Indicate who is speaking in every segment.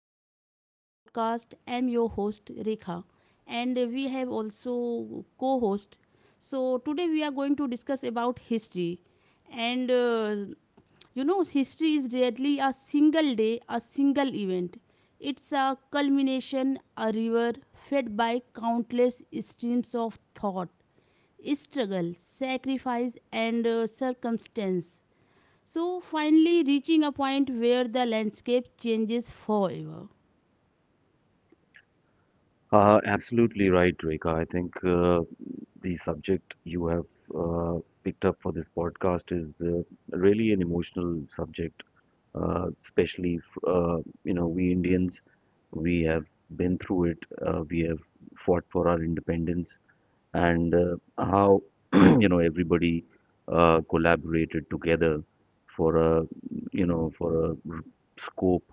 Speaker 1: to my podcast. I'm your host, Rekha, and we have also co host. So, today we are going to discuss about history. And uh, History is rarely a single day, a single event. It's a culmination, a river fed by countless streams of thought, struggle, sacrifice, and circumstance. So finally reaching a point where the landscape changes forever.
Speaker 2: Absolutely right, Rekha. I think the subject you have uh, picked up for this podcast is really an emotional subject, uh, especially f- uh, you know we Indians. We have been through it. We have fought for our independence, and how you know everybody collaborated together for a you know for a r- scope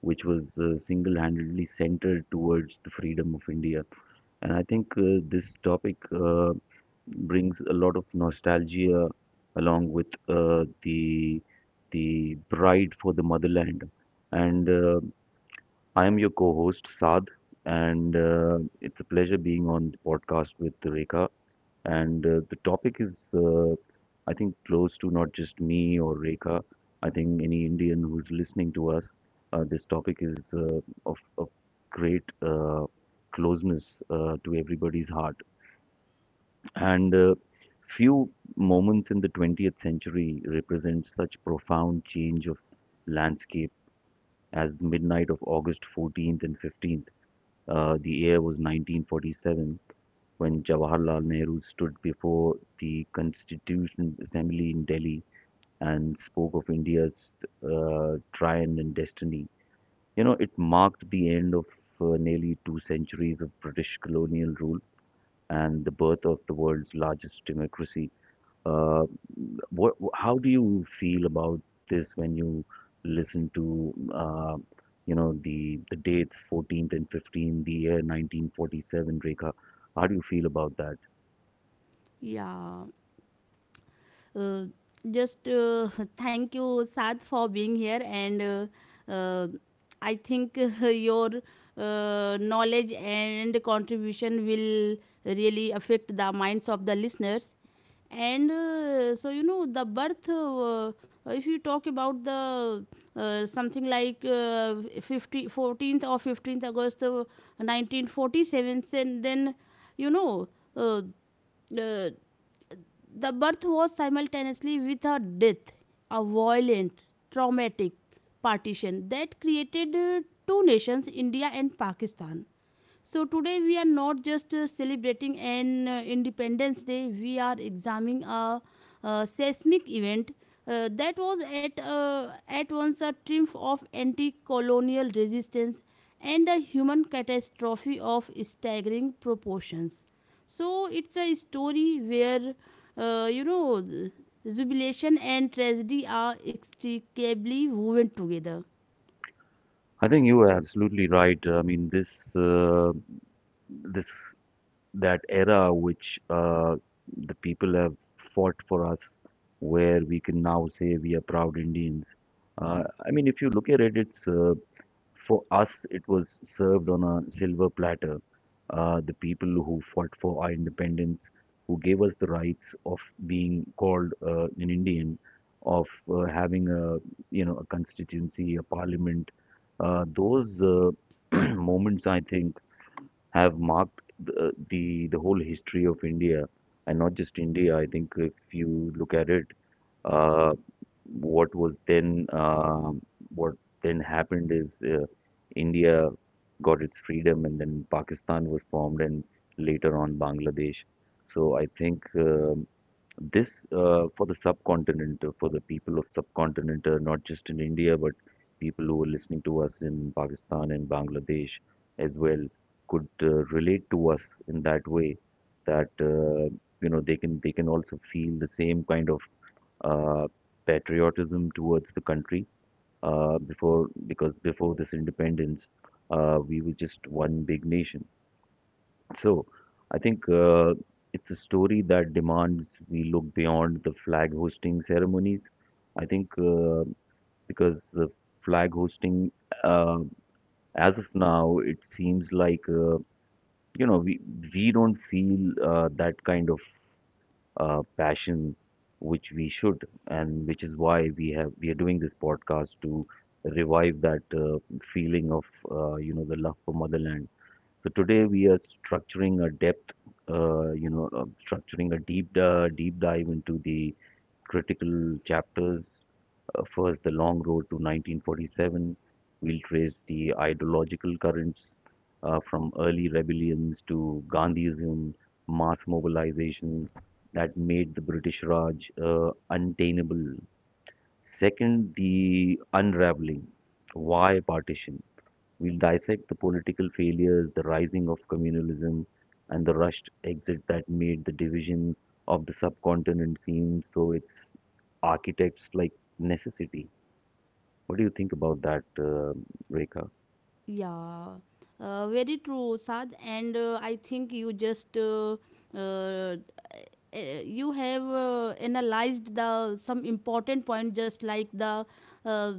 Speaker 2: which was single-handedly centered towards the freedom of India. And I think this topic brings a lot of nostalgia along with the pride for the motherland. And I am your co host, Saad, and it's a pleasure being on the podcast with Rekha. And the topic is, I think, close to not just me or Rekha. I think any Indian who's listening to us, this topic is of great closeness to everybody's heart. And few moments in the 20th century represent such profound change of landscape as the midnight of August 14th and 15th, the year was 1947, when Jawaharlal Nehru stood before the Constitution Assembly in Delhi and spoke of India's triumph and destiny. You know, it marked the end of nearly 2 centuries of British colonial rule and the birth of the world's largest democracy. Uh, how do you feel about this when you listen to, the dates 14th and 15th, the year 1947, Rekha? How do you feel about that?
Speaker 1: Yeah. Uh, just Thank you, Sad, for being here. And uh, I think your knowledge and contribution will really affect the minds of the listeners. And so you know the birth, if you talk about the something like 50 14th or 15th August, 1947. And then you know uh, uh, the birth was simultaneously with her death, a violent, traumatic partition that created two nations, India and Pakistan. So today we are not just celebrating an Independence Day, we are examining a, seismic event that was at once a triumph of anti-colonial resistance and a human catastrophe of staggering proportions. So it's a story where uh, you know jubilation and tragedy are inextricably woven together.
Speaker 2: I think you are absolutely right. I mean, this this that era which the people have fought for us, where we can now say we are proud Indians. I mean, if you look at it, it's for us, it was served on a silver platter. The people who fought for our independence, who gave us the rights of being called an Indian, of having a you know a constituency, a parliament, those moments, I think, have marked the whole history of India, and not just India. I think if you look at it, uh, what was then um what then happened is India got its freedom, and then Pakistan was formed, and later on Bangladesh. So I think, this for the subcontinent, for the people of subcontinent, not just in India, but people who are listening to us in Pakistan and Bangladesh as well could relate to us in that way that they can also feel the same kind of uh, patriotism towards the country before, because before this independence we were just one big nation. So I think it's a story that demands we look beyond the flag hosting ceremonies. I think because the flag hosting, uh, as of now, it seems like you know we we don't feel that kind of passion which we should, and which is why we are doing this podcast to revive that feeling of the love for motherland. So today we are structuring a depth, you know, structuring a deep dive into the critical chapters. First, the long road to 1947. We'll trace the ideological currents from early rebellions to Gandhism, mass mobilization that made the British Raj untenable. Second, the unraveling. Why partition? We'll dissect the political failures, the rising of communalism, and the rushed exit that made the division of the subcontinent seem, so its architects like, necessity. What do you think about that, Rekha?
Speaker 1: Yeah, very true, Sad. And I think you just uh, uh, you have analyzed the some important point, just like the uh,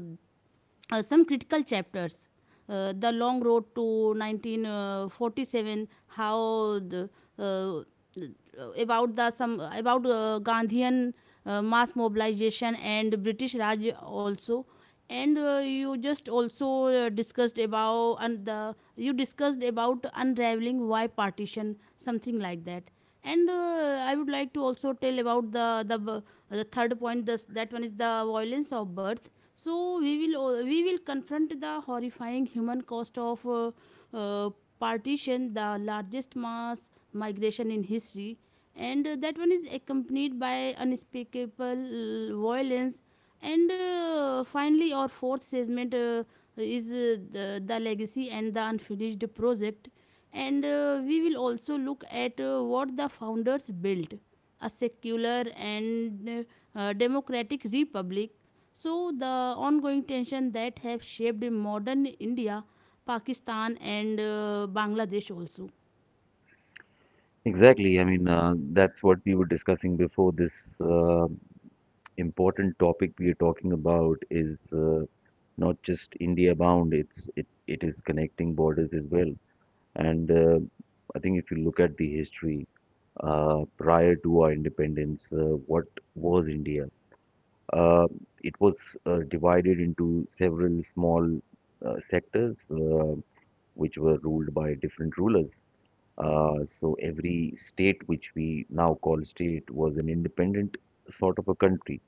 Speaker 1: some critical chapters. The long road to 1947. How the, uh, about the some about Gandhian mass mobilization and British Raj also, and you just also discussed about and the you discussed about unraveling why partition something like that. And I would like to also tell about the the third point. This that one is the violence of birth. So we will confront the horrifying human cost of uh, partition, the largest mass migration in history, and that one is accompanied by unspeakable violence. And finally, our fourth segment is the legacy and the unfinished project. And we will also look at what the founders built, a secular and democratic republic. So, the ongoing tension that have shaped modern India, Pakistan, and Bangladesh also.
Speaker 2: Exactly. I mean, that's what we were discussing before. This uh, important topic we are talking about is not just India bound. It is connecting borders as well. And I think if you look at the history, prior to our independence, what was India? Uh, it was divided into several small sectors which were ruled by different rulers. So every state, which we now call state, was an independent sort of a country.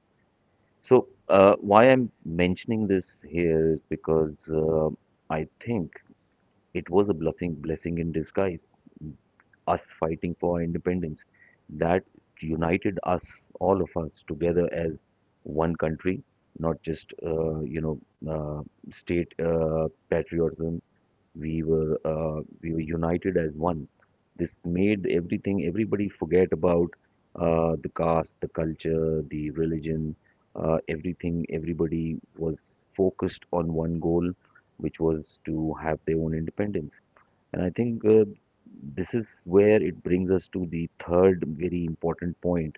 Speaker 2: So why I'm mentioning this here is because I think it was a blessing, blessing in disguise, us fighting for independence that united us, all of us together as one country, not just state patriotism. We were united as one. This made everything, everybody forget about the caste, the culture, the religion, everything. Everybody was focused on one goal, which was to have their own independence. And I think this is where it brings us to the third very important point,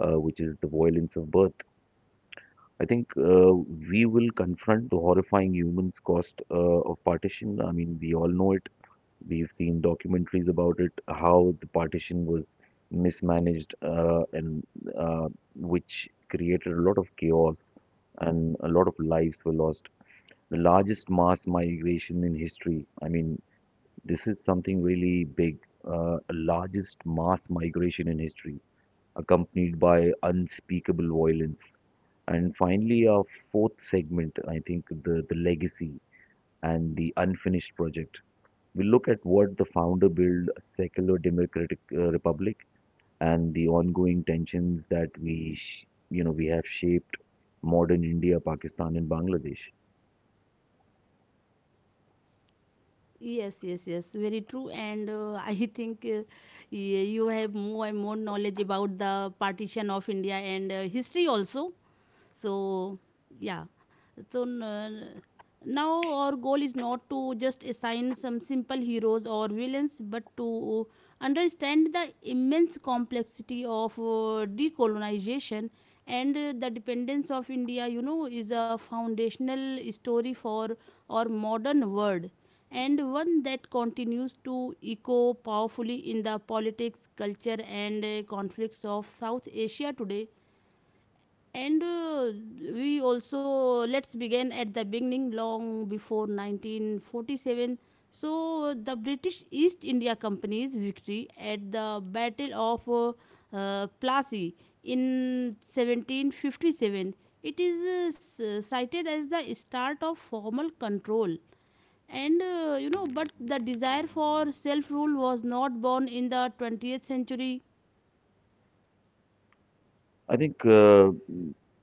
Speaker 2: which is the violence of birth. I think we will confront the horrifying human cost of partition. I mean, we all know it. We've seen documentaries about it, how the partition was mismanaged, and uh, which created a lot of chaos, and a lot of lives were lost. The largest mass migration in history. I mean, this is something really big, largest mass migration in history, accompanied by unspeakable violence. And finally, our fourth segment, I think, the legacy and the unfinished project. We look at what the founder built: a secular democratic republic, and the ongoing tensions that we, sh- you know, we have shaped modern India, Pakistan, and Bangladesh.
Speaker 1: Yes, yes, yes, very true. And I think y- you have more and more knowledge about the partition of India and history also. So, yeah. So, now our goal is not to just assign some simple heroes or villains, but to understand the immense complexity of decolonization, and the dependence of India, you know, is a foundational story for our modern world, and one that continues to echo powerfully in the politics, culture, and conflicts of South Asia today. And we also Let's begin at the beginning, long before 1947. So the British East India Company's victory at the Battle of Plassey in 1757. It is cited as the start of formal control, but the desire for self rule was not born in the 20th century.
Speaker 2: I think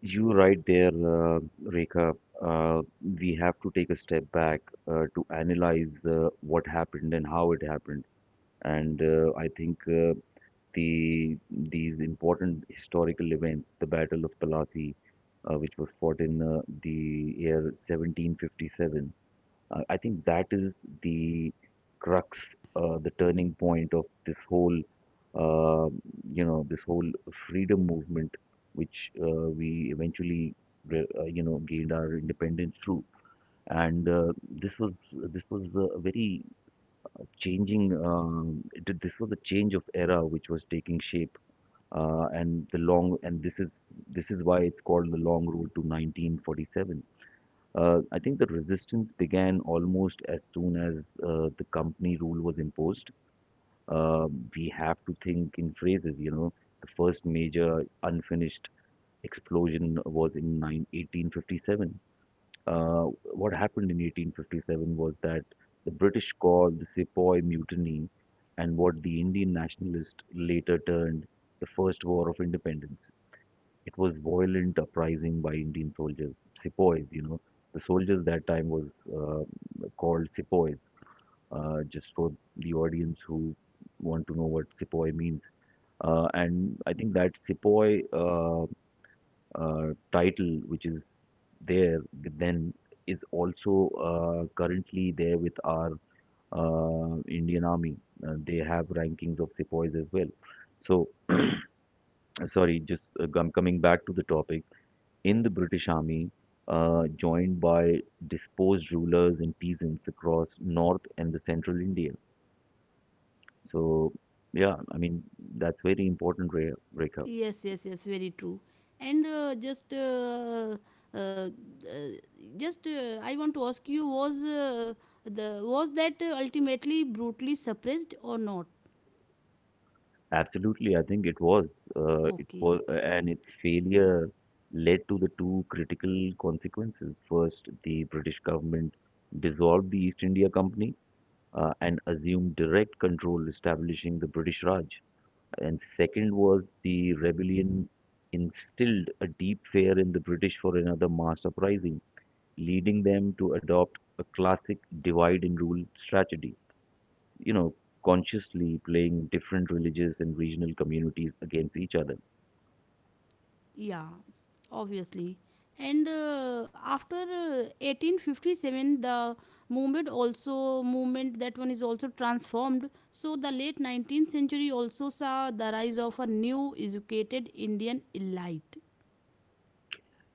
Speaker 2: you're right there, Rekha. Uh, we have to take a step back to analyze what happened and how it happened. And I think these important historical events, the Battle of Palasi, which was fought in the year 1757, I think that is the crux, the turning point of uh, this whole freedom movement, which we eventually, gained our independence through. And this was a very changing th- this was a change of era which was taking shape. And the long and This is why it's called the long road to 1947. I think the resistance began almost as soon as the company rule was imposed. uh, we have to think in phrases, you know. The first major unfinished explosion was in 1857. uh, what happened in 1857 was that the British called the Sepoy Mutiny, and what the Indian nationalists later turned the First War of Independence. It was violent uprising by Indian soldiers, sepoys, you know. The soldiers that time was uh, called sepoys. Just for the audience who want to know what sepoy means, and I think that sepoy title, which is there then, is also currently there with our Indian Army. They have rankings of sepoys as well. So, sorry, just coming back to the topic, in the British Army, joined by disposed rulers and peasants across North and the Central India. So, yeah, I mean, that's very important, Rekha.
Speaker 1: Yes, yes, yes, very true. And uh, just, uh, uh, uh, I want to ask you: was that ultimately brutally suppressed or not?
Speaker 2: Absolutely, I think it was. It was,
Speaker 1: Okay,
Speaker 2: and its failure led to the two critical consequences. First, the British government dissolved the East India Company and assumed direct control, establishing the British Raj. And second was, the rebellion instilled a deep fear in the British for another mass uprising, leading them to adopt a classic divide and rule strategy, you know, consciously playing different religious and regional communities against each other.
Speaker 1: yeah, obviously. And after 1857, the movement, that one is also transformed. So the late 19th century also saw the rise of a new educated Indian elite.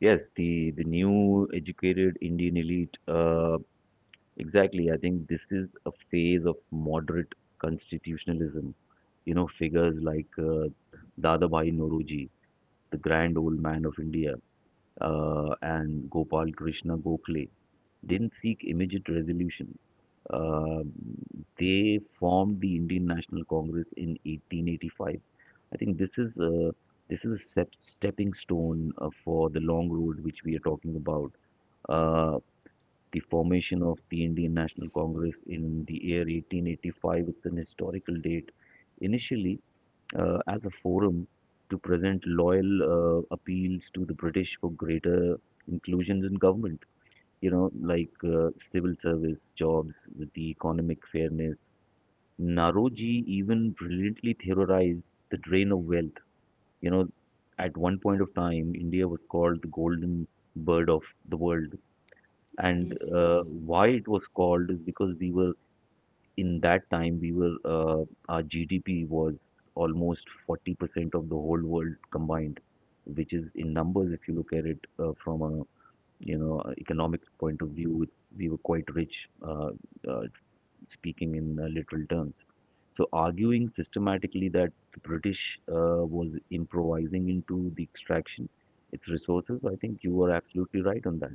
Speaker 2: Yes, the new educated Indian elite. Exactly, I think this is a phase of moderate constitutionalism. You know, figures like Dadabhai Nauroji, the grand old man of India, and Gopal Krishna Gokhale didn't seek immediate resolution. Uh, they formed the Indian National Congress in 1885. I think this is a stepping stone for the long road which we are talking about. Uh, the formation of the Indian National Congress in the year 1885 is an historical date. Initially, as a forum to present loyal appeals to the British for greater inclusion in government, you know, like civil service jobs, the economic fairness. Naroji even brilliantly theorized the drain of wealth. You know, at one point of time, India was called the golden bird of the world, and
Speaker 1: Yes, yes.
Speaker 2: why it was called is because we were in that time we were our GDP was almost 40% of the whole world combined, which is, in numbers, if you look at it from a economic point of view, we were quite rich, uh, speaking in literal terms. So arguing systematically that the British was improvising into the extraction, its resources, I think you are absolutely right on that.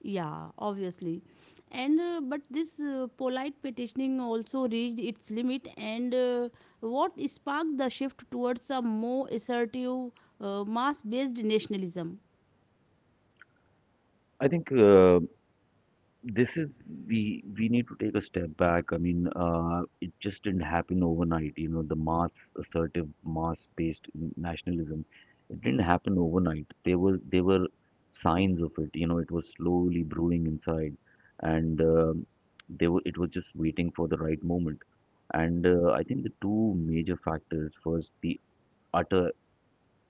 Speaker 1: Yeah, obviously. And but this polite petitioning also reached its limit. And what sparked the shift towards a more assertive, mass based nationalism?
Speaker 2: I think this is we need to take a step back. I mean, it just didn't happen overnight. You know, the mass assertive, mass-based nationalism, it didn't happen overnight. There were signs of it. You know, it was slowly brewing inside, and they were it was just waiting for the right moment. And I think the two major factors: first, the utter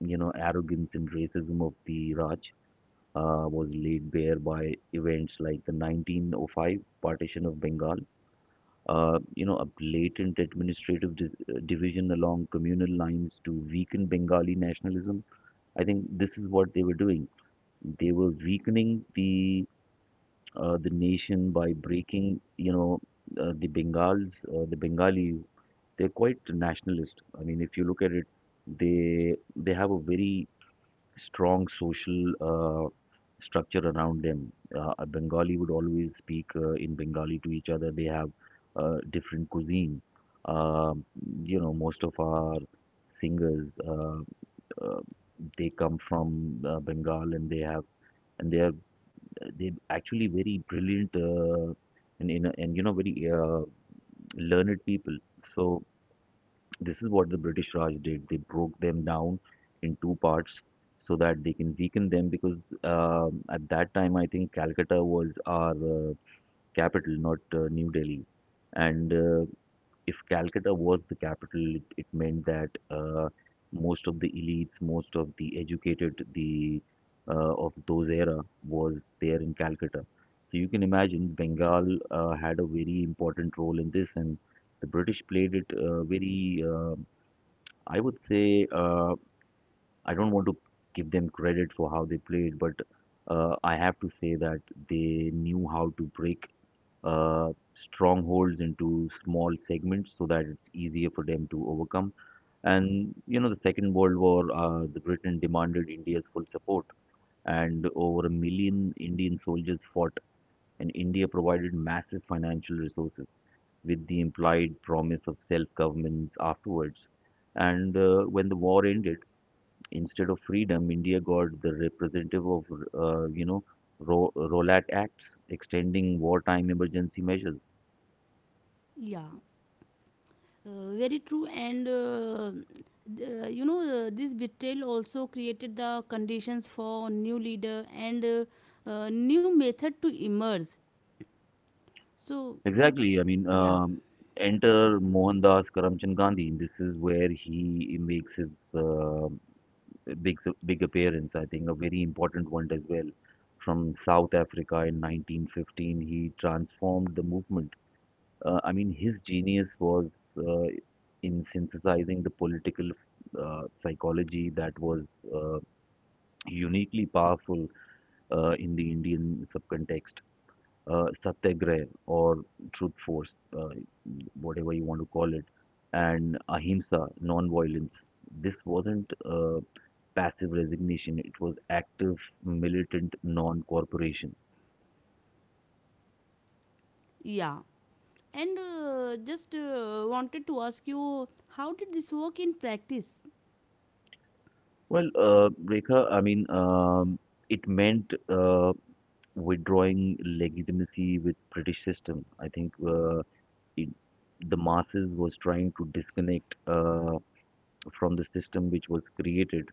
Speaker 2: arrogance and racism of the Raj, was laid bare by events like the 1905 partition of Bengal, you know, a blatant administrative division along communal lines to weaken Bengali nationalism. I think this is what they were doing. They were weakening the nation by breaking, you know, the Bengals, the Bengalis. They're quite nationalist. I mean, if you look at it, they they have a very strong social structure around them. A Bengali would always speak in Bengali to each other. They have different cuisine. Um you know, most of our singers uh, they come from Bengal, and they are actually very brilliant and you know, very learned people. So this is what the British Raj did. They broke them down in two parts so that they can weaken them, because at that time I think Calcutta was our capital, not New Delhi. And If Calcutta was the capital, it meant that most of the elites, most of the educated, the of those era was there in Calcutta. So you can imagine Bengal had a very important role in this, and the British played it very I would say I don't want to give them credit for how they played, but I have to say that they knew how to break strongholds into small segments so that it's easier for them to overcome. And you know, the Second World War, the Britain demanded India's full support, and over a million Indian soldiers fought, and India provided massive financial resources with the implied promise of self-governance afterwards. And when the war ended, instead of freedom, India got the representative of, you know, Rowlatt Acts, extending wartime emergency measures.
Speaker 1: Yeah, very true. And th- you know, This betrayal also created the conditions for new leader and new method to emerge. So,
Speaker 2: Exactly. I mean,
Speaker 1: yeah,
Speaker 2: enter Mohandas Karamchand Gandhi. This is where he makes his uh, big big appearance. I think a very important one as well. From South Africa in 1915, he transformed the movement. I mean, his genius was uh, in synthesizing the political psychology that was uh, uniquely powerful in the Indian subcontext. Satyagraha or truth force, whatever you want to call it, and ahimsa, non-violence. This wasn't passive resignation; it was active, militant non-cooperation.
Speaker 1: yeah. And just Wanted to ask you, how did this work in practice?
Speaker 2: Well, Rekha, I mean, it meant withdrawing legitimacy with British system. I think it, the masses was trying to disconnect. From the system which was created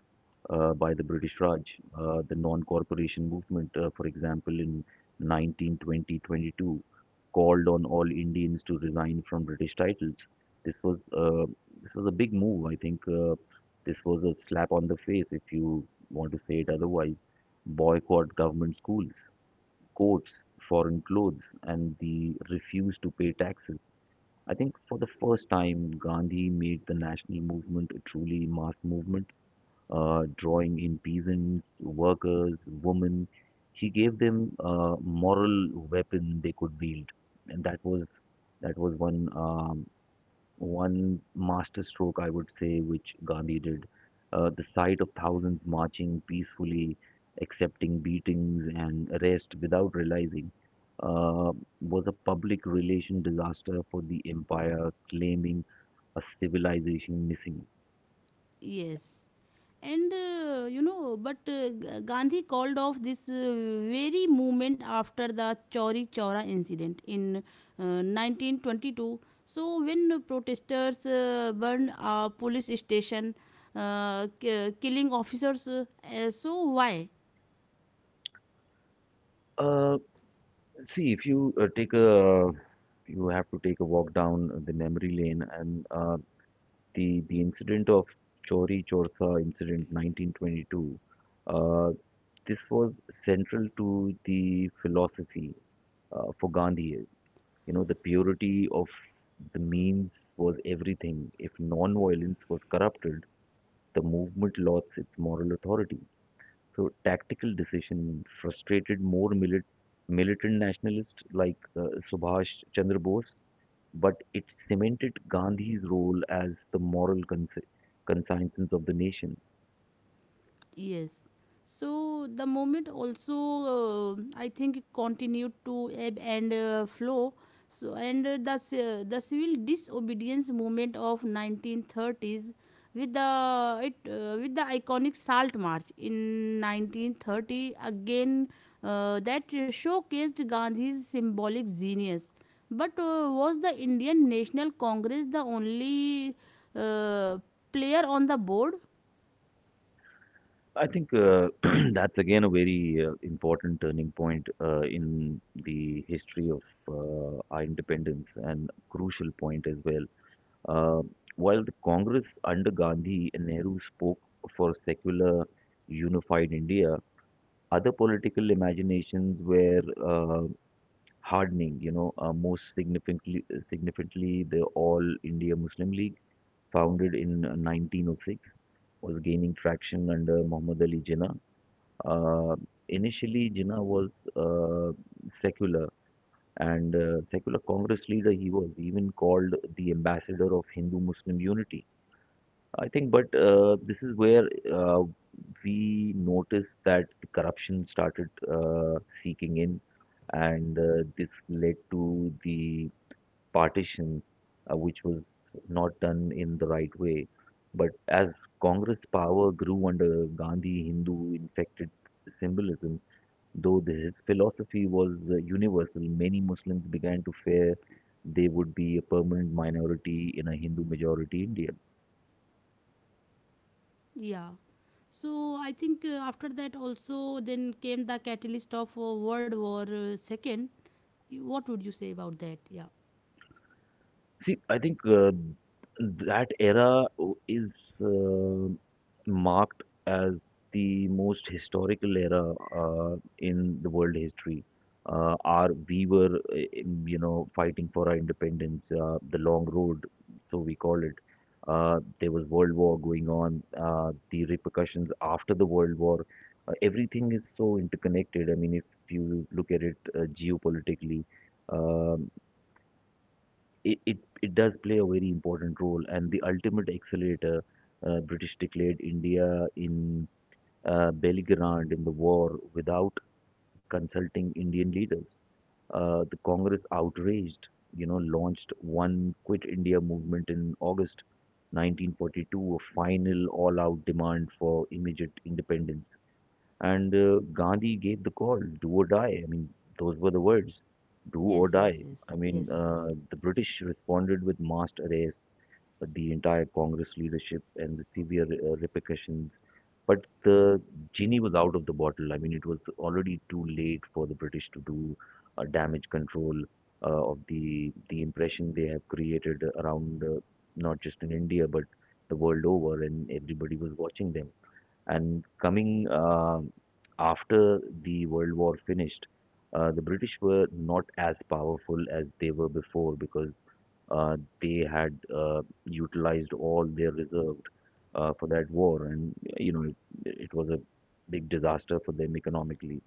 Speaker 2: by the British Raj, the non-corporation movement, for example, in 1920-22, called on all Indians to resign from British titles. This was uh, this was a big move. I think this was a slap on the face, if you want to say it otherwise. Boycott government schools, courts, foreign clothes, and the refuse to pay taxes. I think for the first time, Gandhi made the national movement a truly mass movement, drawing in peasants, workers, women. He gave them a moral weapon they could wield, and that was one one masterstroke, I would say, which Gandhi did. The sight of thousands marching peacefully, accepting beatings and arrest without realizing, uh, was a public relation disaster for the empire, claiming a civilization missing.
Speaker 1: Yes. And you know, but G- Gandhi called off this very movement after the Chauri Chaura incident in 1922. So, when protesters burned a police station, killing officers, so why?
Speaker 2: Uh, See, if you you have to take a walk down the memory lane, and the incident of Chori Chortha incident 1922. Uh, This was central to the philosophy for Gandhi. You know, the purity of the means was everything. If non-violence was corrupted, the movement lost its moral authority. So, tactical decision frustrated more militant nationalists like Subhash Chandra Bose, but it cemented Gandhi's role as the moral conscience of the nation.
Speaker 1: Yes. So the moment also, I think, continued to ebb and flow. So the civil disobedience movement of 1930s with the it with the iconic Salt March in 1930 again, that showcased Gandhi's symbolic genius. But was the Indian National Congress the only uh, player on the board?
Speaker 2: I think that's again a very important turning point in the history of our independence and crucial point as well. Uh, while the Congress under Gandhi and Nehru spoke for secular unified India, other political imaginations were hardening. You know, most significantly, the All India Muslim League, founded in 1906, was gaining traction under Muhammad Ali Jinnah. uh, Initially, Jinnah was uh, secular, and secular Congress leader he was, even called the ambassador of Hindu-Muslim unity. I think, but this is where we noticed that the corruption started seeking in, and this led to the partition, which was not done in the right way. But as Congress power grew under Gandhi, Hindu infected symbolism. Though his philosophy was universal, many Muslims began to fear they would be a permanent minority in a Hindu majority India.
Speaker 1: Yeah. So I think after that also, then came the catalyst of World War Second. What would you say about that? Yeah.
Speaker 2: See, I think that era is uh, marked as the most historical era in the world history. Our we were, in, you know, fighting for our independence, the long road, so we call it. There was World War going on. The repercussions after the World War, everything is so interconnected. I mean, if you look at it geopolitically. uh, it does play a very important role, and the ultimate accelerator, British declared India in belligerent in the war without consulting Indian leaders. The Congress outraged, you know, launched one Quit India movement in August 1942, a final all out demand for immediate independence. And Gandhi gave the call, do or die. I mean, those were the words, do
Speaker 1: Yes.
Speaker 2: or
Speaker 1: Yes.
Speaker 2: die.
Speaker 1: Yes.
Speaker 2: I mean,
Speaker 1: Yes. Yes.
Speaker 2: the British responded with massed arrests, the entire Congress leadership, and the severe repercussions. But the genie was out of the bottle. I mean, it was already too late for the British to do damage control of the impression they have created around, not just in India but the world over, and everybody was watching them. And coming after the World War finished, the British were not as powerful as they were before, because they had utilized all their reserves for that war, and you know it was a big disaster for them economically.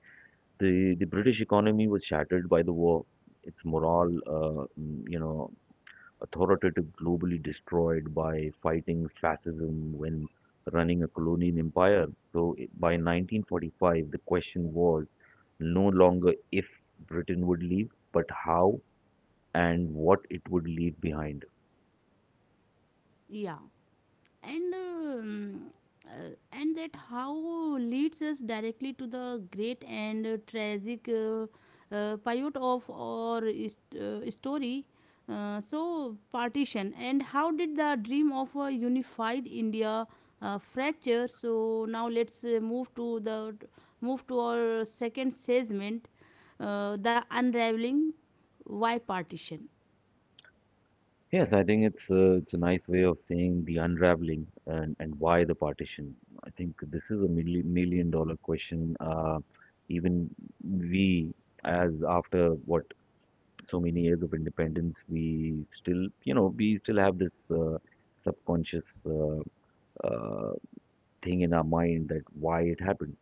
Speaker 2: The British economy was shattered by the war. Its morale, you know, authoritative globally destroyed by fighting fascism when running a colonial empire. By 1945, the question was no longer if Britain would leave, but how and what it would leave behind.
Speaker 1: Yeah. And and that how leads us directly to the great and tragic pivot of our story. So partition, and how did the dream of a unified India fracture? So now let's move to our second segment, the unraveling. Why partition?
Speaker 2: Yes, I think it's a nice way of saying the unraveling and why the partition. I think this is a million, million-dollar question. Even we, as after what so many years of independence, we still, you know, we still have this subconscious uh, thing in our mind that why it happened.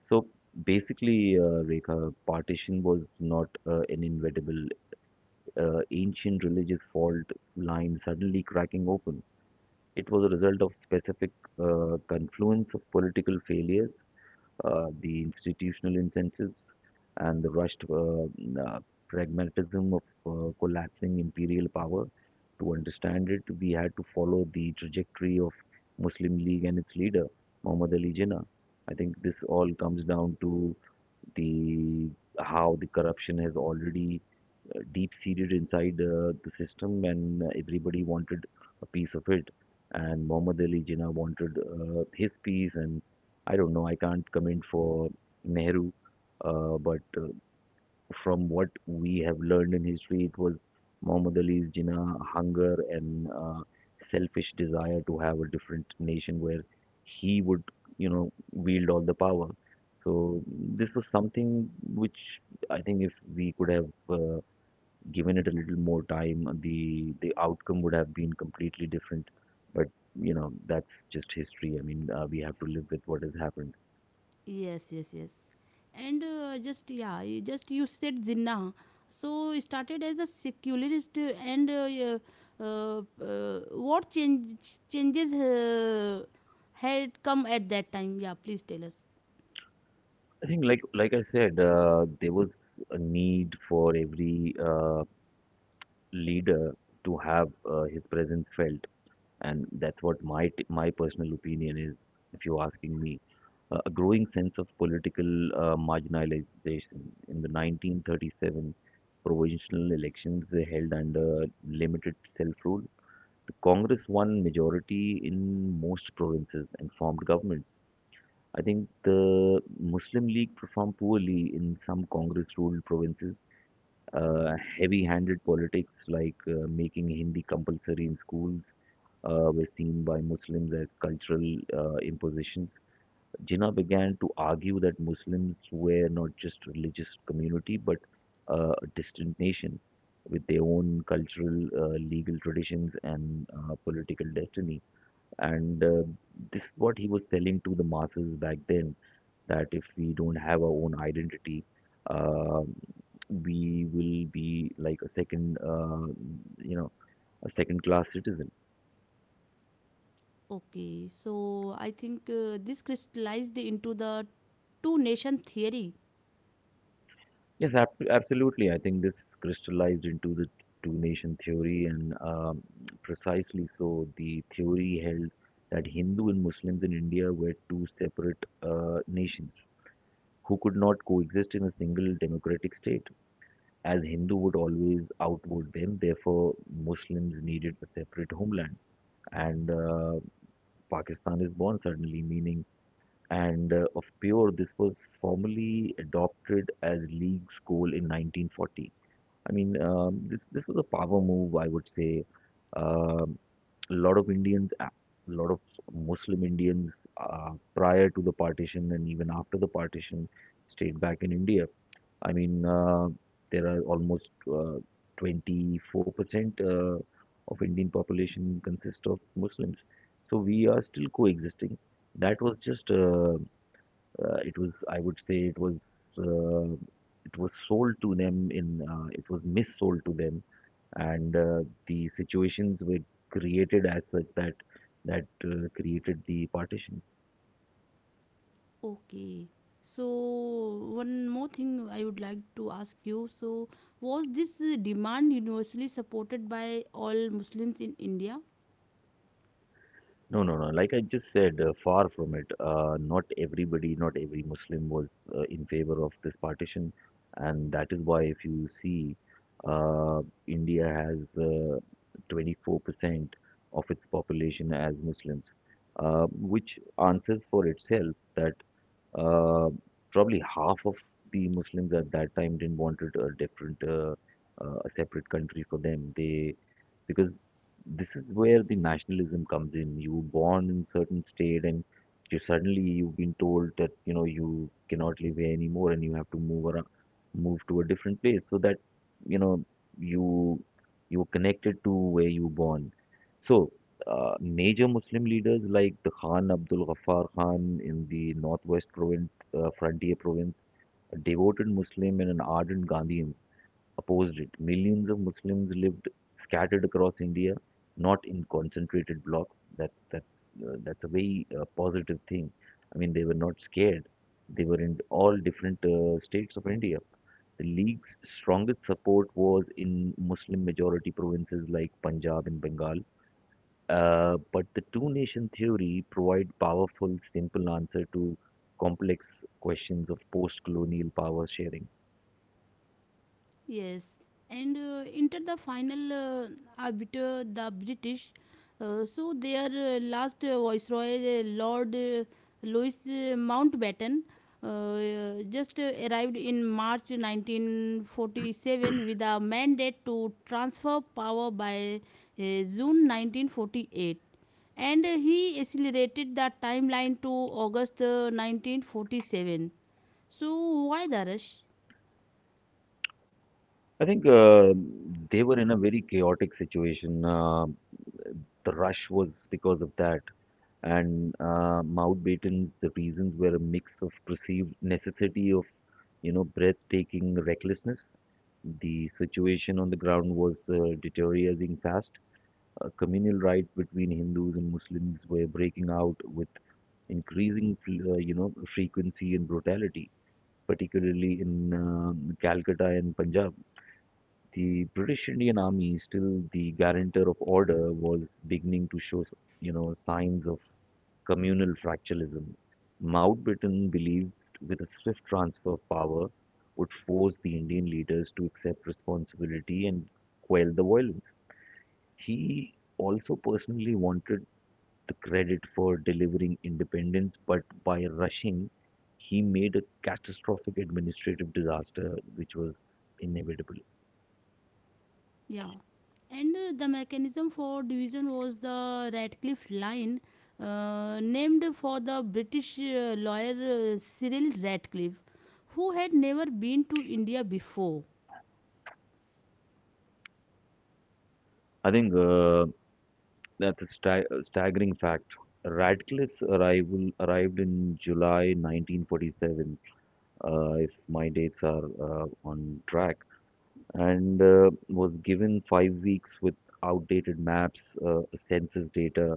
Speaker 2: So basically, Rekha, partition was not an inevitable ancient religious fault line suddenly cracking open. It was a result of specific confluence of political failures, the institutional incentives, and the rushed uh, pragmatism of collapsing imperial power. To understand it, we had to follow the trajectory of Muslim League and its leader, Muhammad Ali Jinnah. I think this all comes down to the how the corruption has already deep seated inside the system, and everybody wanted a piece of it. And Muhammad Ali Jinnah wanted his piece, and I don't know. I can't comment for Nehru, but from what we have learned in history, it was Muhammad Ali Jinnah hunger and selfish desire to have a different nation where he would, you know, wield all the power. So this was something which I think if we could have given it a little more time, the outcome would have been completely different. But you know, that's just history. I mean, we have to live with what has happened.
Speaker 1: Yes, yes, yes. And just yeah, you- Just you said Jinnah. So it started as a secularist, what changes had come at that time? Yeah, please tell us.
Speaker 2: I think, like I said, there was a need for every leader to have his presence felt, and that's what my personal opinion is, if you're asking me. A growing sense of political marginalization. In the 1937 provincial elections they held under limited self rule, the Congress won majority in most provinces and formed governments. I think the Muslim League performed poorly in some Congress ruled provinces. Heavy handed politics like making Hindi compulsory in schools were seen by Muslims as cultural imposition. Jinnah began to argue that Muslims were not just religious community but a distant nation with their own cultural, legal traditions and political destiny. And This is what he was selling to the masses back then, that if we don't have our own identity, uh, we will be like a second, you know, a second class citizen.
Speaker 1: Okay, so I think this crystallized into the two nation theory.
Speaker 2: Yes, ab absolutely. I think this crystallized into the two nation theory, and precisely so. The theory held that Hindu and Muslims in India were two separate nations who could not coexist in a single democratic state, as Hindu would always outvote them. Therefore, Muslims needed a separate homeland, and Pakistan is born suddenly, meaning and of pure. This was formally adopted as League's goal in 1940. I mean, this was a power move, I would say. Um a lot of Indians, a lot of Muslim Indians, prior to the partition and even after the partition, stayed back in India. I mean, there are almost 24% of Indian population consist of Muslims, so we are still coexisting. That was just it was, I would say, uh, it was sold to them in it was missold to them, and the situations were created as such that created the partition.
Speaker 1: Okay. So, one more thing I would like to ask you. So, was this demand universally supported by all Muslims in India?
Speaker 2: No, no, no. Like I just said, far from it. Not everybody, not every Muslim was in favor of this partition, and that is why, if you see, uh, India has 24% of its population as Muslims, which answers for itself that uh, probably half of the Muslims at that time didn't wanted a different, a separate country for them. They, because this is where the nationalism comes in. You were born in certain state and you suddenly you've been told that you know you cannot live here anymore and you have to move around, move to a different place so that you know you, you are connected to where you were born. So major Muslim leaders like the Khan Abdul Ghaffar Khan in the northwest province, frontier province, a devoted Muslim and an ardent Gandhian, opposed it. Millions of Muslims lived scattered across India, not in concentrated blocks. That's a very positive thing. I mean, they were not scared. They were in all different states of India. The league's strongest support was in Muslim majority provinces like Punjab and Bengal, but the two nation theory provide powerful, simple answer to complex questions of post-colonial power sharing.
Speaker 1: Yes, and enter the final arbiter, the British. So their last viceroy, Lord Louis Mountbatten, just arrived in March 1947 with a mandate to transfer power by June 1948, and he accelerated the timeline to August, 1947. So why the rush?
Speaker 2: I think they were in a very chaotic situation. The rush was because of that, and Mountbatten's reasons were a mix of perceived necessity of you know breathtaking recklessness. The situation on the ground was deteriorating fast. Communal riots between Hindus and Muslims were breaking out with increasing, you know, frequency and brutality, particularly in Calcutta and Punjab. The British Indian Army, still the guarantor of order, was beginning to show, you know, signs of communal fractionalism. Mountbatten believed with a swift transfer of power would force the Indian leaders to accept responsibility and quell the violence. He also personally wanted the credit for delivering independence, but by rushing, he made a catastrophic administrative disaster which was inevitable.
Speaker 1: Yeah. And the mechanism for division was the Radcliffe Line, named for the British lawyer, Cyril Radcliffe, who had never been to India before.
Speaker 2: I think that's a staggering fact. Radcliffe's arrival arrived in July 1947, if my dates are on track, and was given 5 weeks with outdated maps, census data,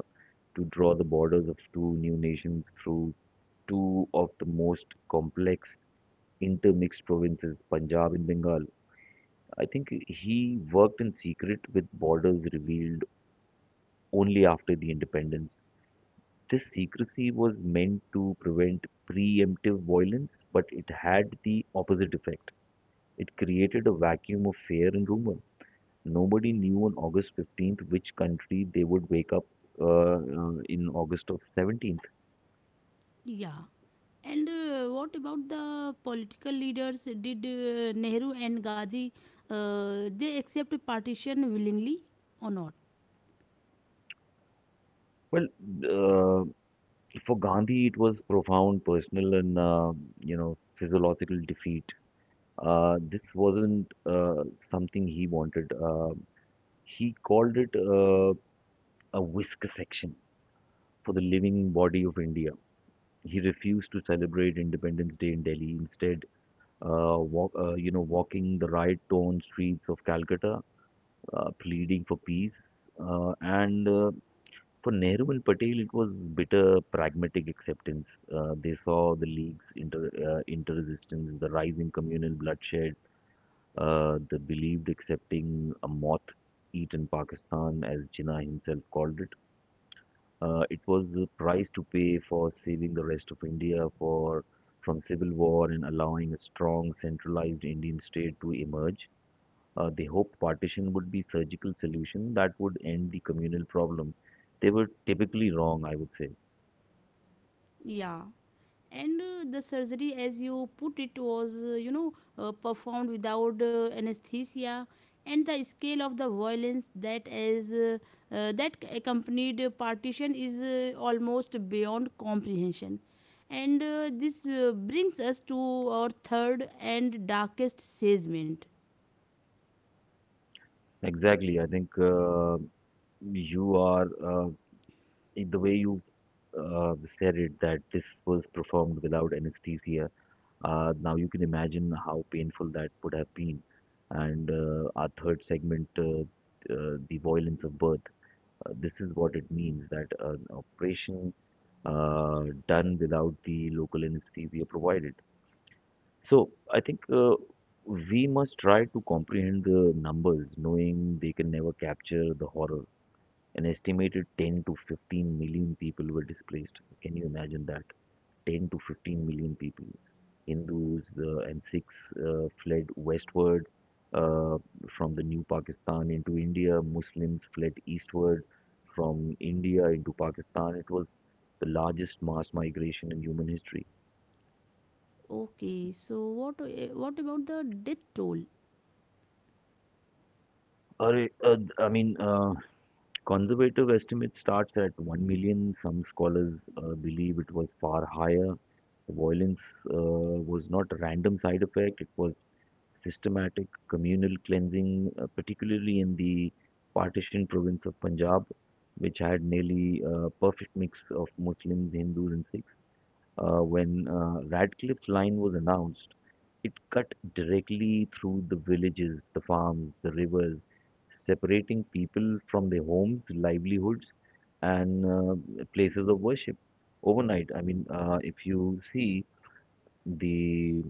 Speaker 2: to draw the borders of two new nations through two of the most complex intermixed provinces, Punjab and Bengal. I think he worked in secret with borders revealed only after the independence. This secrecy was meant to prevent preemptive violence, but it had the opposite effect. It created a vacuum of fear and rumor. Nobody knew on August 15th which country they would wake up in August of 17th.
Speaker 1: Yeah. And what about the political leaders? Did Nehru and Gandhi they accept partition willingly or not?
Speaker 2: Well, uh, for Gandhi, it was profound personal and you know physiological defeat. This wasn't something he wanted. He called it a whisker section for the living body of India. He refused to celebrate Independence Day in Delhi. Instead, you know, walking the riot-torn streets of Calcutta, pleading for peace, and for Nehru and Patel, it was bitter pragmatic acceptance. They saw the league's inter-resistance, the rise in communal bloodshed. They believed accepting a moth-eaten Pakistan, as Jinnah himself called it. It was the price to pay for saving the rest of India for from civil war and allowing a strong, centralized Indian state to emerge. They hoped partition would be surgical solution that would end the communal problem. They were typically wrong, I would say.
Speaker 1: Yeah. and The surgery, as you put it, was, performed without anesthesia, and the scale of the violence that is that accompanied partition is almost beyond comprehension. And this brings us to our third and darkest segment.
Speaker 2: Exactly. I think you are in the way you said it that this was performed without anesthesia. Now you can imagine how painful that would have been. And our third segment, the violence of birth. This is what it means that an operation done without the local anesthesia provided. So I think we must try to comprehend the numbers, knowing they can never capture the horror. An estimated 10 to 15 million people were displaced. Can you imagine that? 10 to 15 million people. Hindus and Sikhs fled westward uh, from the new Pakistan into India. Muslims fled eastward from India into Pakistan. It was the largest mass migration in human history.
Speaker 1: Okay, so what about the death toll?
Speaker 2: Arre, I mean, conservative estimate starts at 1 million. Some scholars believe it was far higher. The violence was not a random side effect, it was systematic communal cleansing, particularly in the partition province of Punjab, which had nearly a perfect mix of Muslims, Hindus, and Sikhs. When Radcliffe's line was announced, it cut directly through the villages, the farms, the rivers, separating people from their homes, livelihoods, and places of worship. Overnight, I mean, if you see the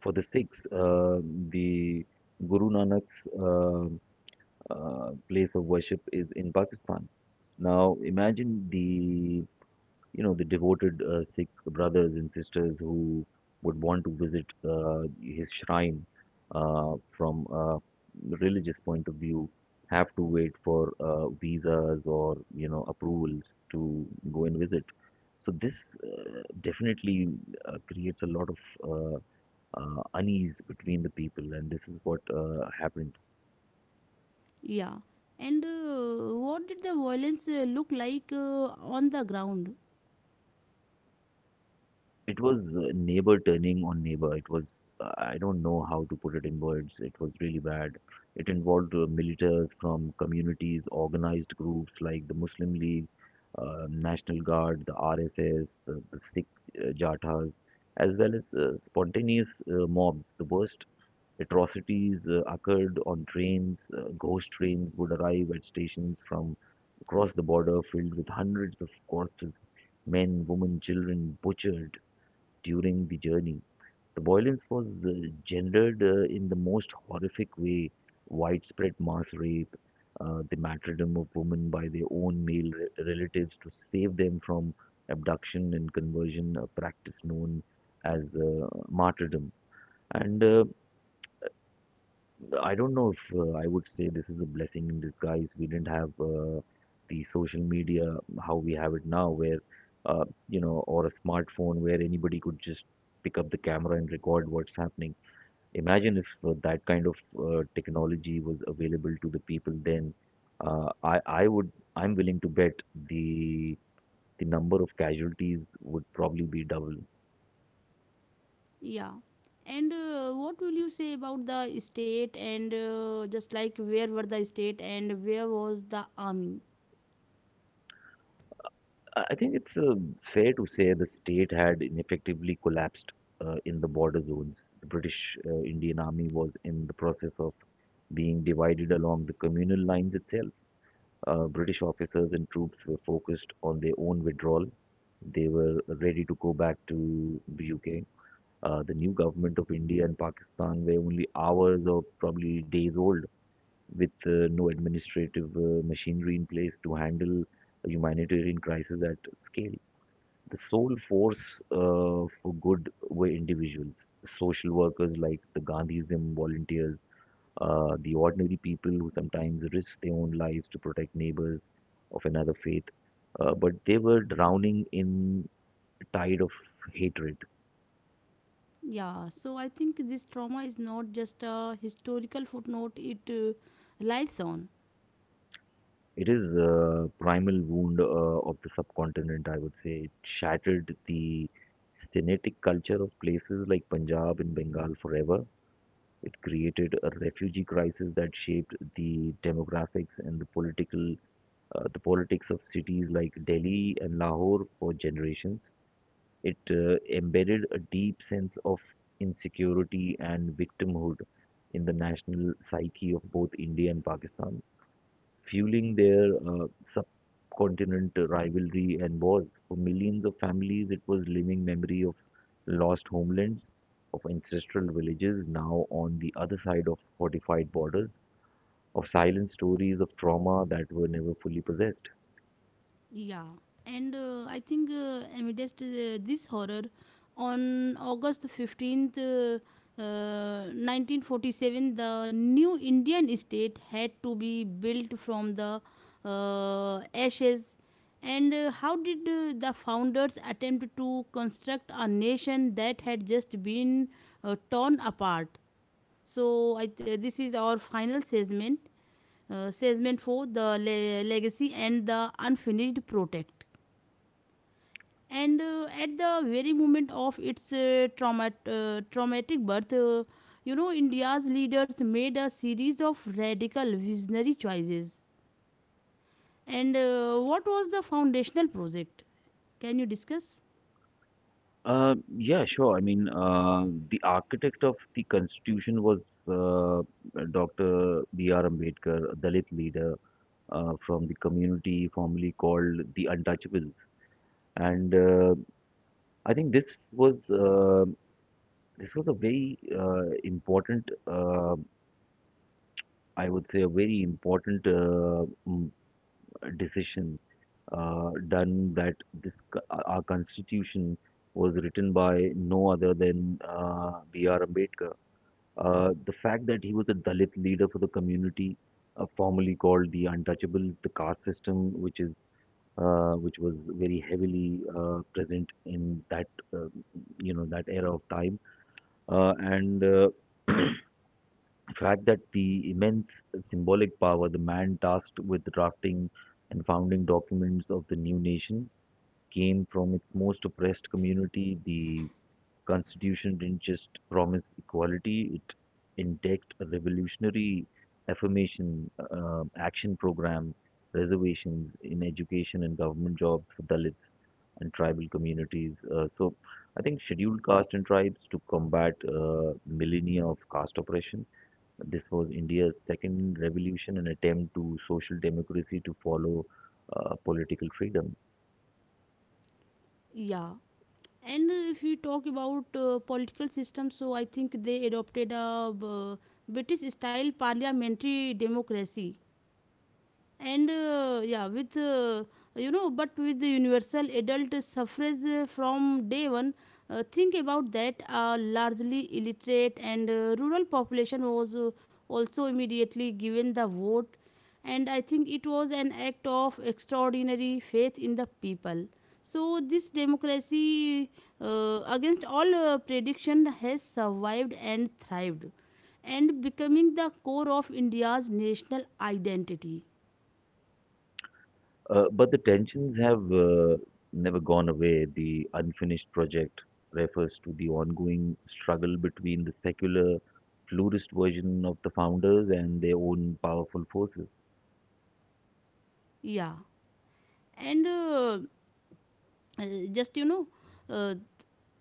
Speaker 2: for the Sikhs, the Guru Nanak's place of worship is in Pakistan. Now, imagine the you know the devoted Sikh brothers and sisters who would want to visit his shrine from a religious point of view, have to wait for visas or you know approvals to go and visit. So this definitely creates a lot of uh, unease between the people, and this is what happens.
Speaker 1: Yeah, and what did the violence look like on the ground?
Speaker 2: It was neighbor turning on neighbor. It was, I don't know how to put it in words. It was really bad. It involved militants from communities, organized groups like the Muslim League, National Guard, the RSS, the Sikh Jathas, as well as spontaneous mobs. The worst atrocities occurred on trains. Ghost trains would arrive at stations from across the border filled with hundreds of corpses, men, women, children butchered during the journey. The violence was gendered in the most horrific way, widespread mass rape, the martyrdom of women by their own male relatives to save them from abduction and conversion, a practice known as martyrdom. And I don't know if I would say this is a blessing in disguise. We didn't have the social media how we have it now, where you know, or a smartphone where anybody could just pick up the camera and record what's happening. Imagine if that kind of technology was available to the people then. I would, I'm willing to bet the the number of casualties would probably be double.
Speaker 1: Yeah. And what will you say about the state and, just like, where were the state and where was the army?
Speaker 2: I think it's fair to say the state had ineffectively collapsed in the border zones. The British Indian Army was in the process of being divided along the communal lines itself. British officers and troops were focused on their own withdrawal. They were ready to go back to the UK. The new government of India and Pakistan were only hours or probably days old, with no administrative machinery in place to handle a humanitarian crisis at scale. The sole force for good were individuals, social workers like the Gandhism volunteers, the ordinary people who sometimes risked their own lives to protect neighbors of another faith. But they were drowning in a tide of hatred.
Speaker 1: Yeah, so I think this trauma is not just a historical footnote, it lives on.
Speaker 2: It is a primal wound of the subcontinent, I would say. It shattered the Sinitic culture of places like Punjab and Bengal forever. It created a refugee crisis that shaped the demographics and the political, the politics of cities like Delhi and Lahore for generations. It embedded a deep sense of insecurity and victimhood in the national psyche of both India and Pakistan, fueling their subcontinent rivalry and wars. For millions of families, it was living memory of lost homelands, of ancestral villages now on the other side of fortified borders, of silent stories of trauma that were never fully possessed.
Speaker 1: Yeah, and I think amidst this horror, on August 15th, 1947, the new Indian state had to be built from the ashes. And how did the founders attempt to construct a nation that had just been torn apart? So, this is our final segment, segment for the legacy and the unfinished project. And at the very moment of its traumatic birth, India's leaders made a series of radical visionary choices. And what was the foundational project? Can you discuss?
Speaker 2: Yeah, sure. I mean, the architect of the Constitution was uh, Dr. B.R. Ambedkar, a Dalit leader from the community formerly called the Untouchables. And I think was uh, this was a very important, I would say, a very important mm, decision, done that this co- our constitution was written by no other than B.R. Ambedkar. The fact that he was a Dalit leader for the community, formerly called the Untouchables, the caste system, which was very heavily present in that uh, you know that era of time. And fact that the immense symbolic power, the man tasked with drafting and founding documents of the new nation, came from its most oppressed community. The Constitution didn't just promise equality, it indexed a revolutionary action program, reservations in education and government jobs for Dalits and tribal communities. So I think scheduled caste and tribes, to combat millennia of caste oppression. This was India's second revolution, an attempt to social democracy to follow political freedom.
Speaker 1: Yeah. And if you talk about political system, so I think they adopted a British style parliamentary democracy, and yeah, with but with the universal adult suffrage from day one. Think about that: a largely illiterate and rural population was also immediately given the vote, and I think it was an act of extraordinary faith in the people. So this democracy, against all prediction, has survived and thrived, and becoming the core of India's national identity.
Speaker 2: But the tensions have never gone away. The unfinished project refers to the ongoing struggle between the secular pluralist version of the founders and their own powerful forces.
Speaker 1: Yeah, and uh, just you know, uh,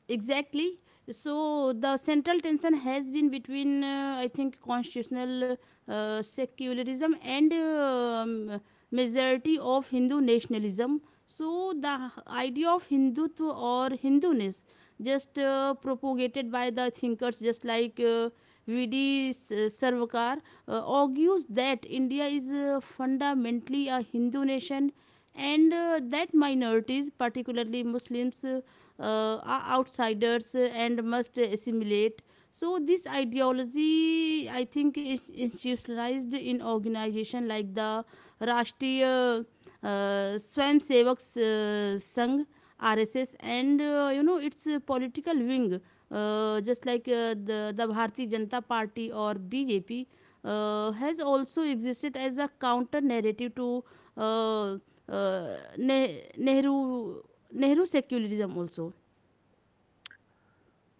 Speaker 1: exactly. So the central tension has been between, I think, constitutional secularism and majority of Hindu nationalism. So the idea of Hindutva, or Hinduness, just propagated by the thinkers, just like V.D. Sarvakar, argues that India is fundamentally a Hindu nation, and that minorities, particularly Muslims, are outsiders and must assimilate. So this ideology, I think, is institutionalized in organization like the Rashtriya Swamsevak Sangh, RSS, and its political wing, just like the Bharatiya Janata Party, or BJP, has also existed as a counter narrative to uh, Nehru, Nehru secularism also.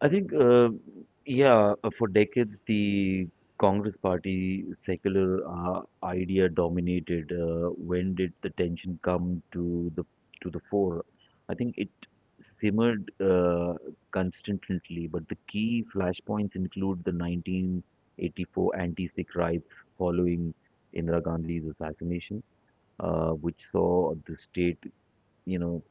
Speaker 2: I think, uh, yeah, for decades, the Congress Party secular idea dominated. When did the tension come to the fore? I think it simmered constantly, but the key flashpoints include the 1984 anti-Sikh riots following Indira Gandhi's assassination, which saw the state, you know,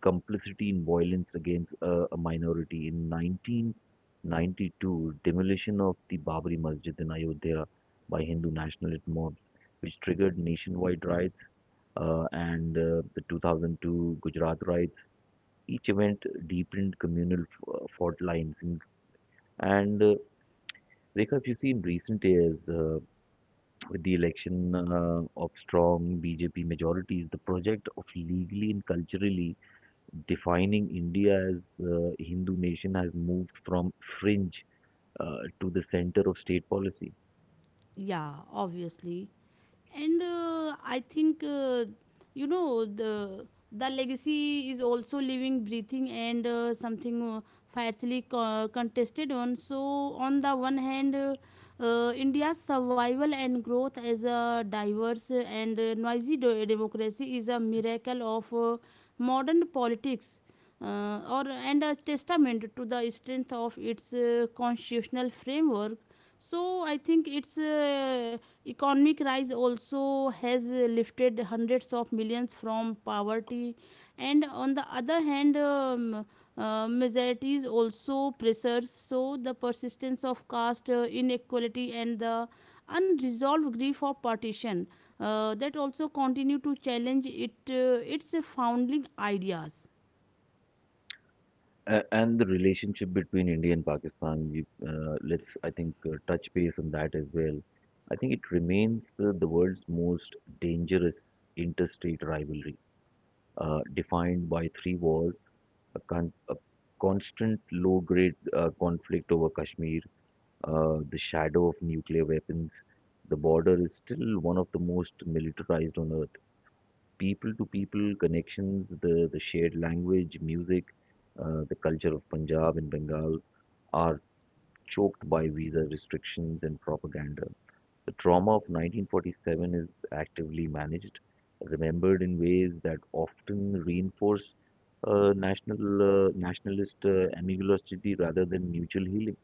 Speaker 2: complicity in violence against a minority. In 1992, demolition of the Babri Masjid in Ayodhya by Hindu nationalist mobs, which triggered nationwide riots, and the 2002 Gujarat riots. Each event deepened communal fault lines. And Rekha, if you see in recent years, with the election of strong BJP majorities, the project of legally and culturally defining India as a Hindu nation has moved from fringe to the center of state policy.
Speaker 1: Yeah, obviously. And I think the legacy is also living, breathing, and something fiercely contested on. So on the one hand, India's survival and growth as a diverse and democracy is a miracle of modern politics, or and a testament to the strength of its constitutional framework. So I think its economic rise also has lifted hundreds of millions from poverty. And on the other hand, majorities also pressures, so the persistence of caste inequality and the unresolved grief of partition, that also continue to challenge it its founding ideas.
Speaker 2: And the relationship between India and Pakistan, you, let's, I think, touch base on that as well. I think it remains the world's most dangerous interstate rivalry, defined by three wars, a constant low grade conflict over Kashmir, the shadow of nuclear weapons. The border is still one of the most militarized on earth. People to people connections, the shared language, music, the culture of Punjab and Bengal are choked by visa restrictions and propaganda. The trauma of 1947 is actively managed, remembered in ways that often reinforce nationalist animosity rather than mutual healing.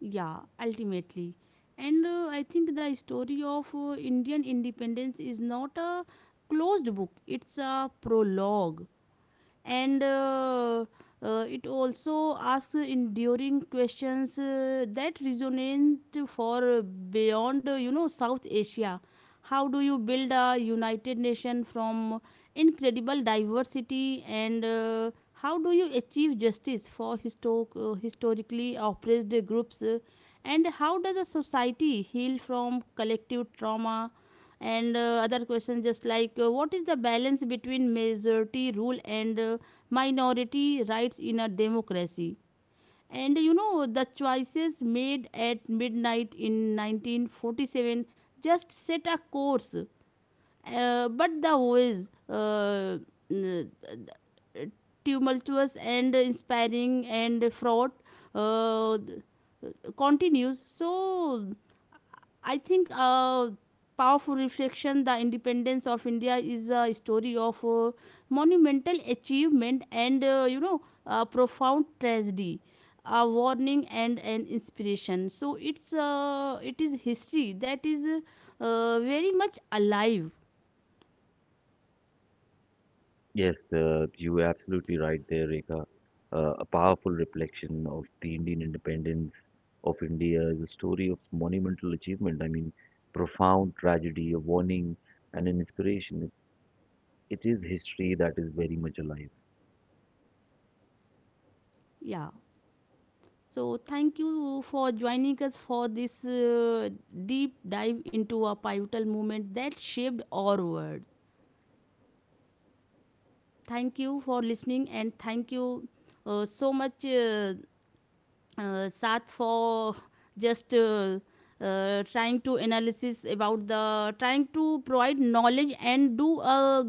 Speaker 1: Yeah, ultimately. And I think the story of Indian independence is not a closed book, it's a prologue, and it also asks enduring questions that resonate for beyond South Asia. How do you build a united nation from incredible diversity, and how do you achieve justice for historically oppressed groups, and how does a society heal from collective trauma, and other questions, just like what is the balance between majority rule and minority rights in a democracy? And you know, the choices made at midnight in 1947 just set a course, but the ways, n- uh, tumultuous and inspiring and fraught, uh, continues. So I think, powerful reflection, the independence of India is a story of monumental achievement and, profound tragedy, a warning and an inspiration. So it's, it is history that is very much alive.
Speaker 2: Yes, you were absolutely right there, Rekha. A powerful reflection of the Indian independence of India is a story of monumental achievement. I mean, profound tragedy, a warning, and an inspiration. It is history that is very much alive.
Speaker 1: Yeah. So thank you for joining us for this deep dive into a pivotal moment that shaped our world. Thank you for listening, and thank you so much, Sat, for just trying to analysis about the, trying to provide knowledge and do a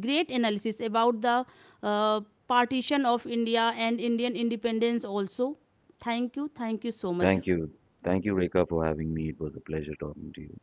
Speaker 1: great analysis about the uh, partition of India and Indian independence also. Thank you so much.
Speaker 2: Thank you. Thank you, Rekha, for having me. It was a pleasure talking to you.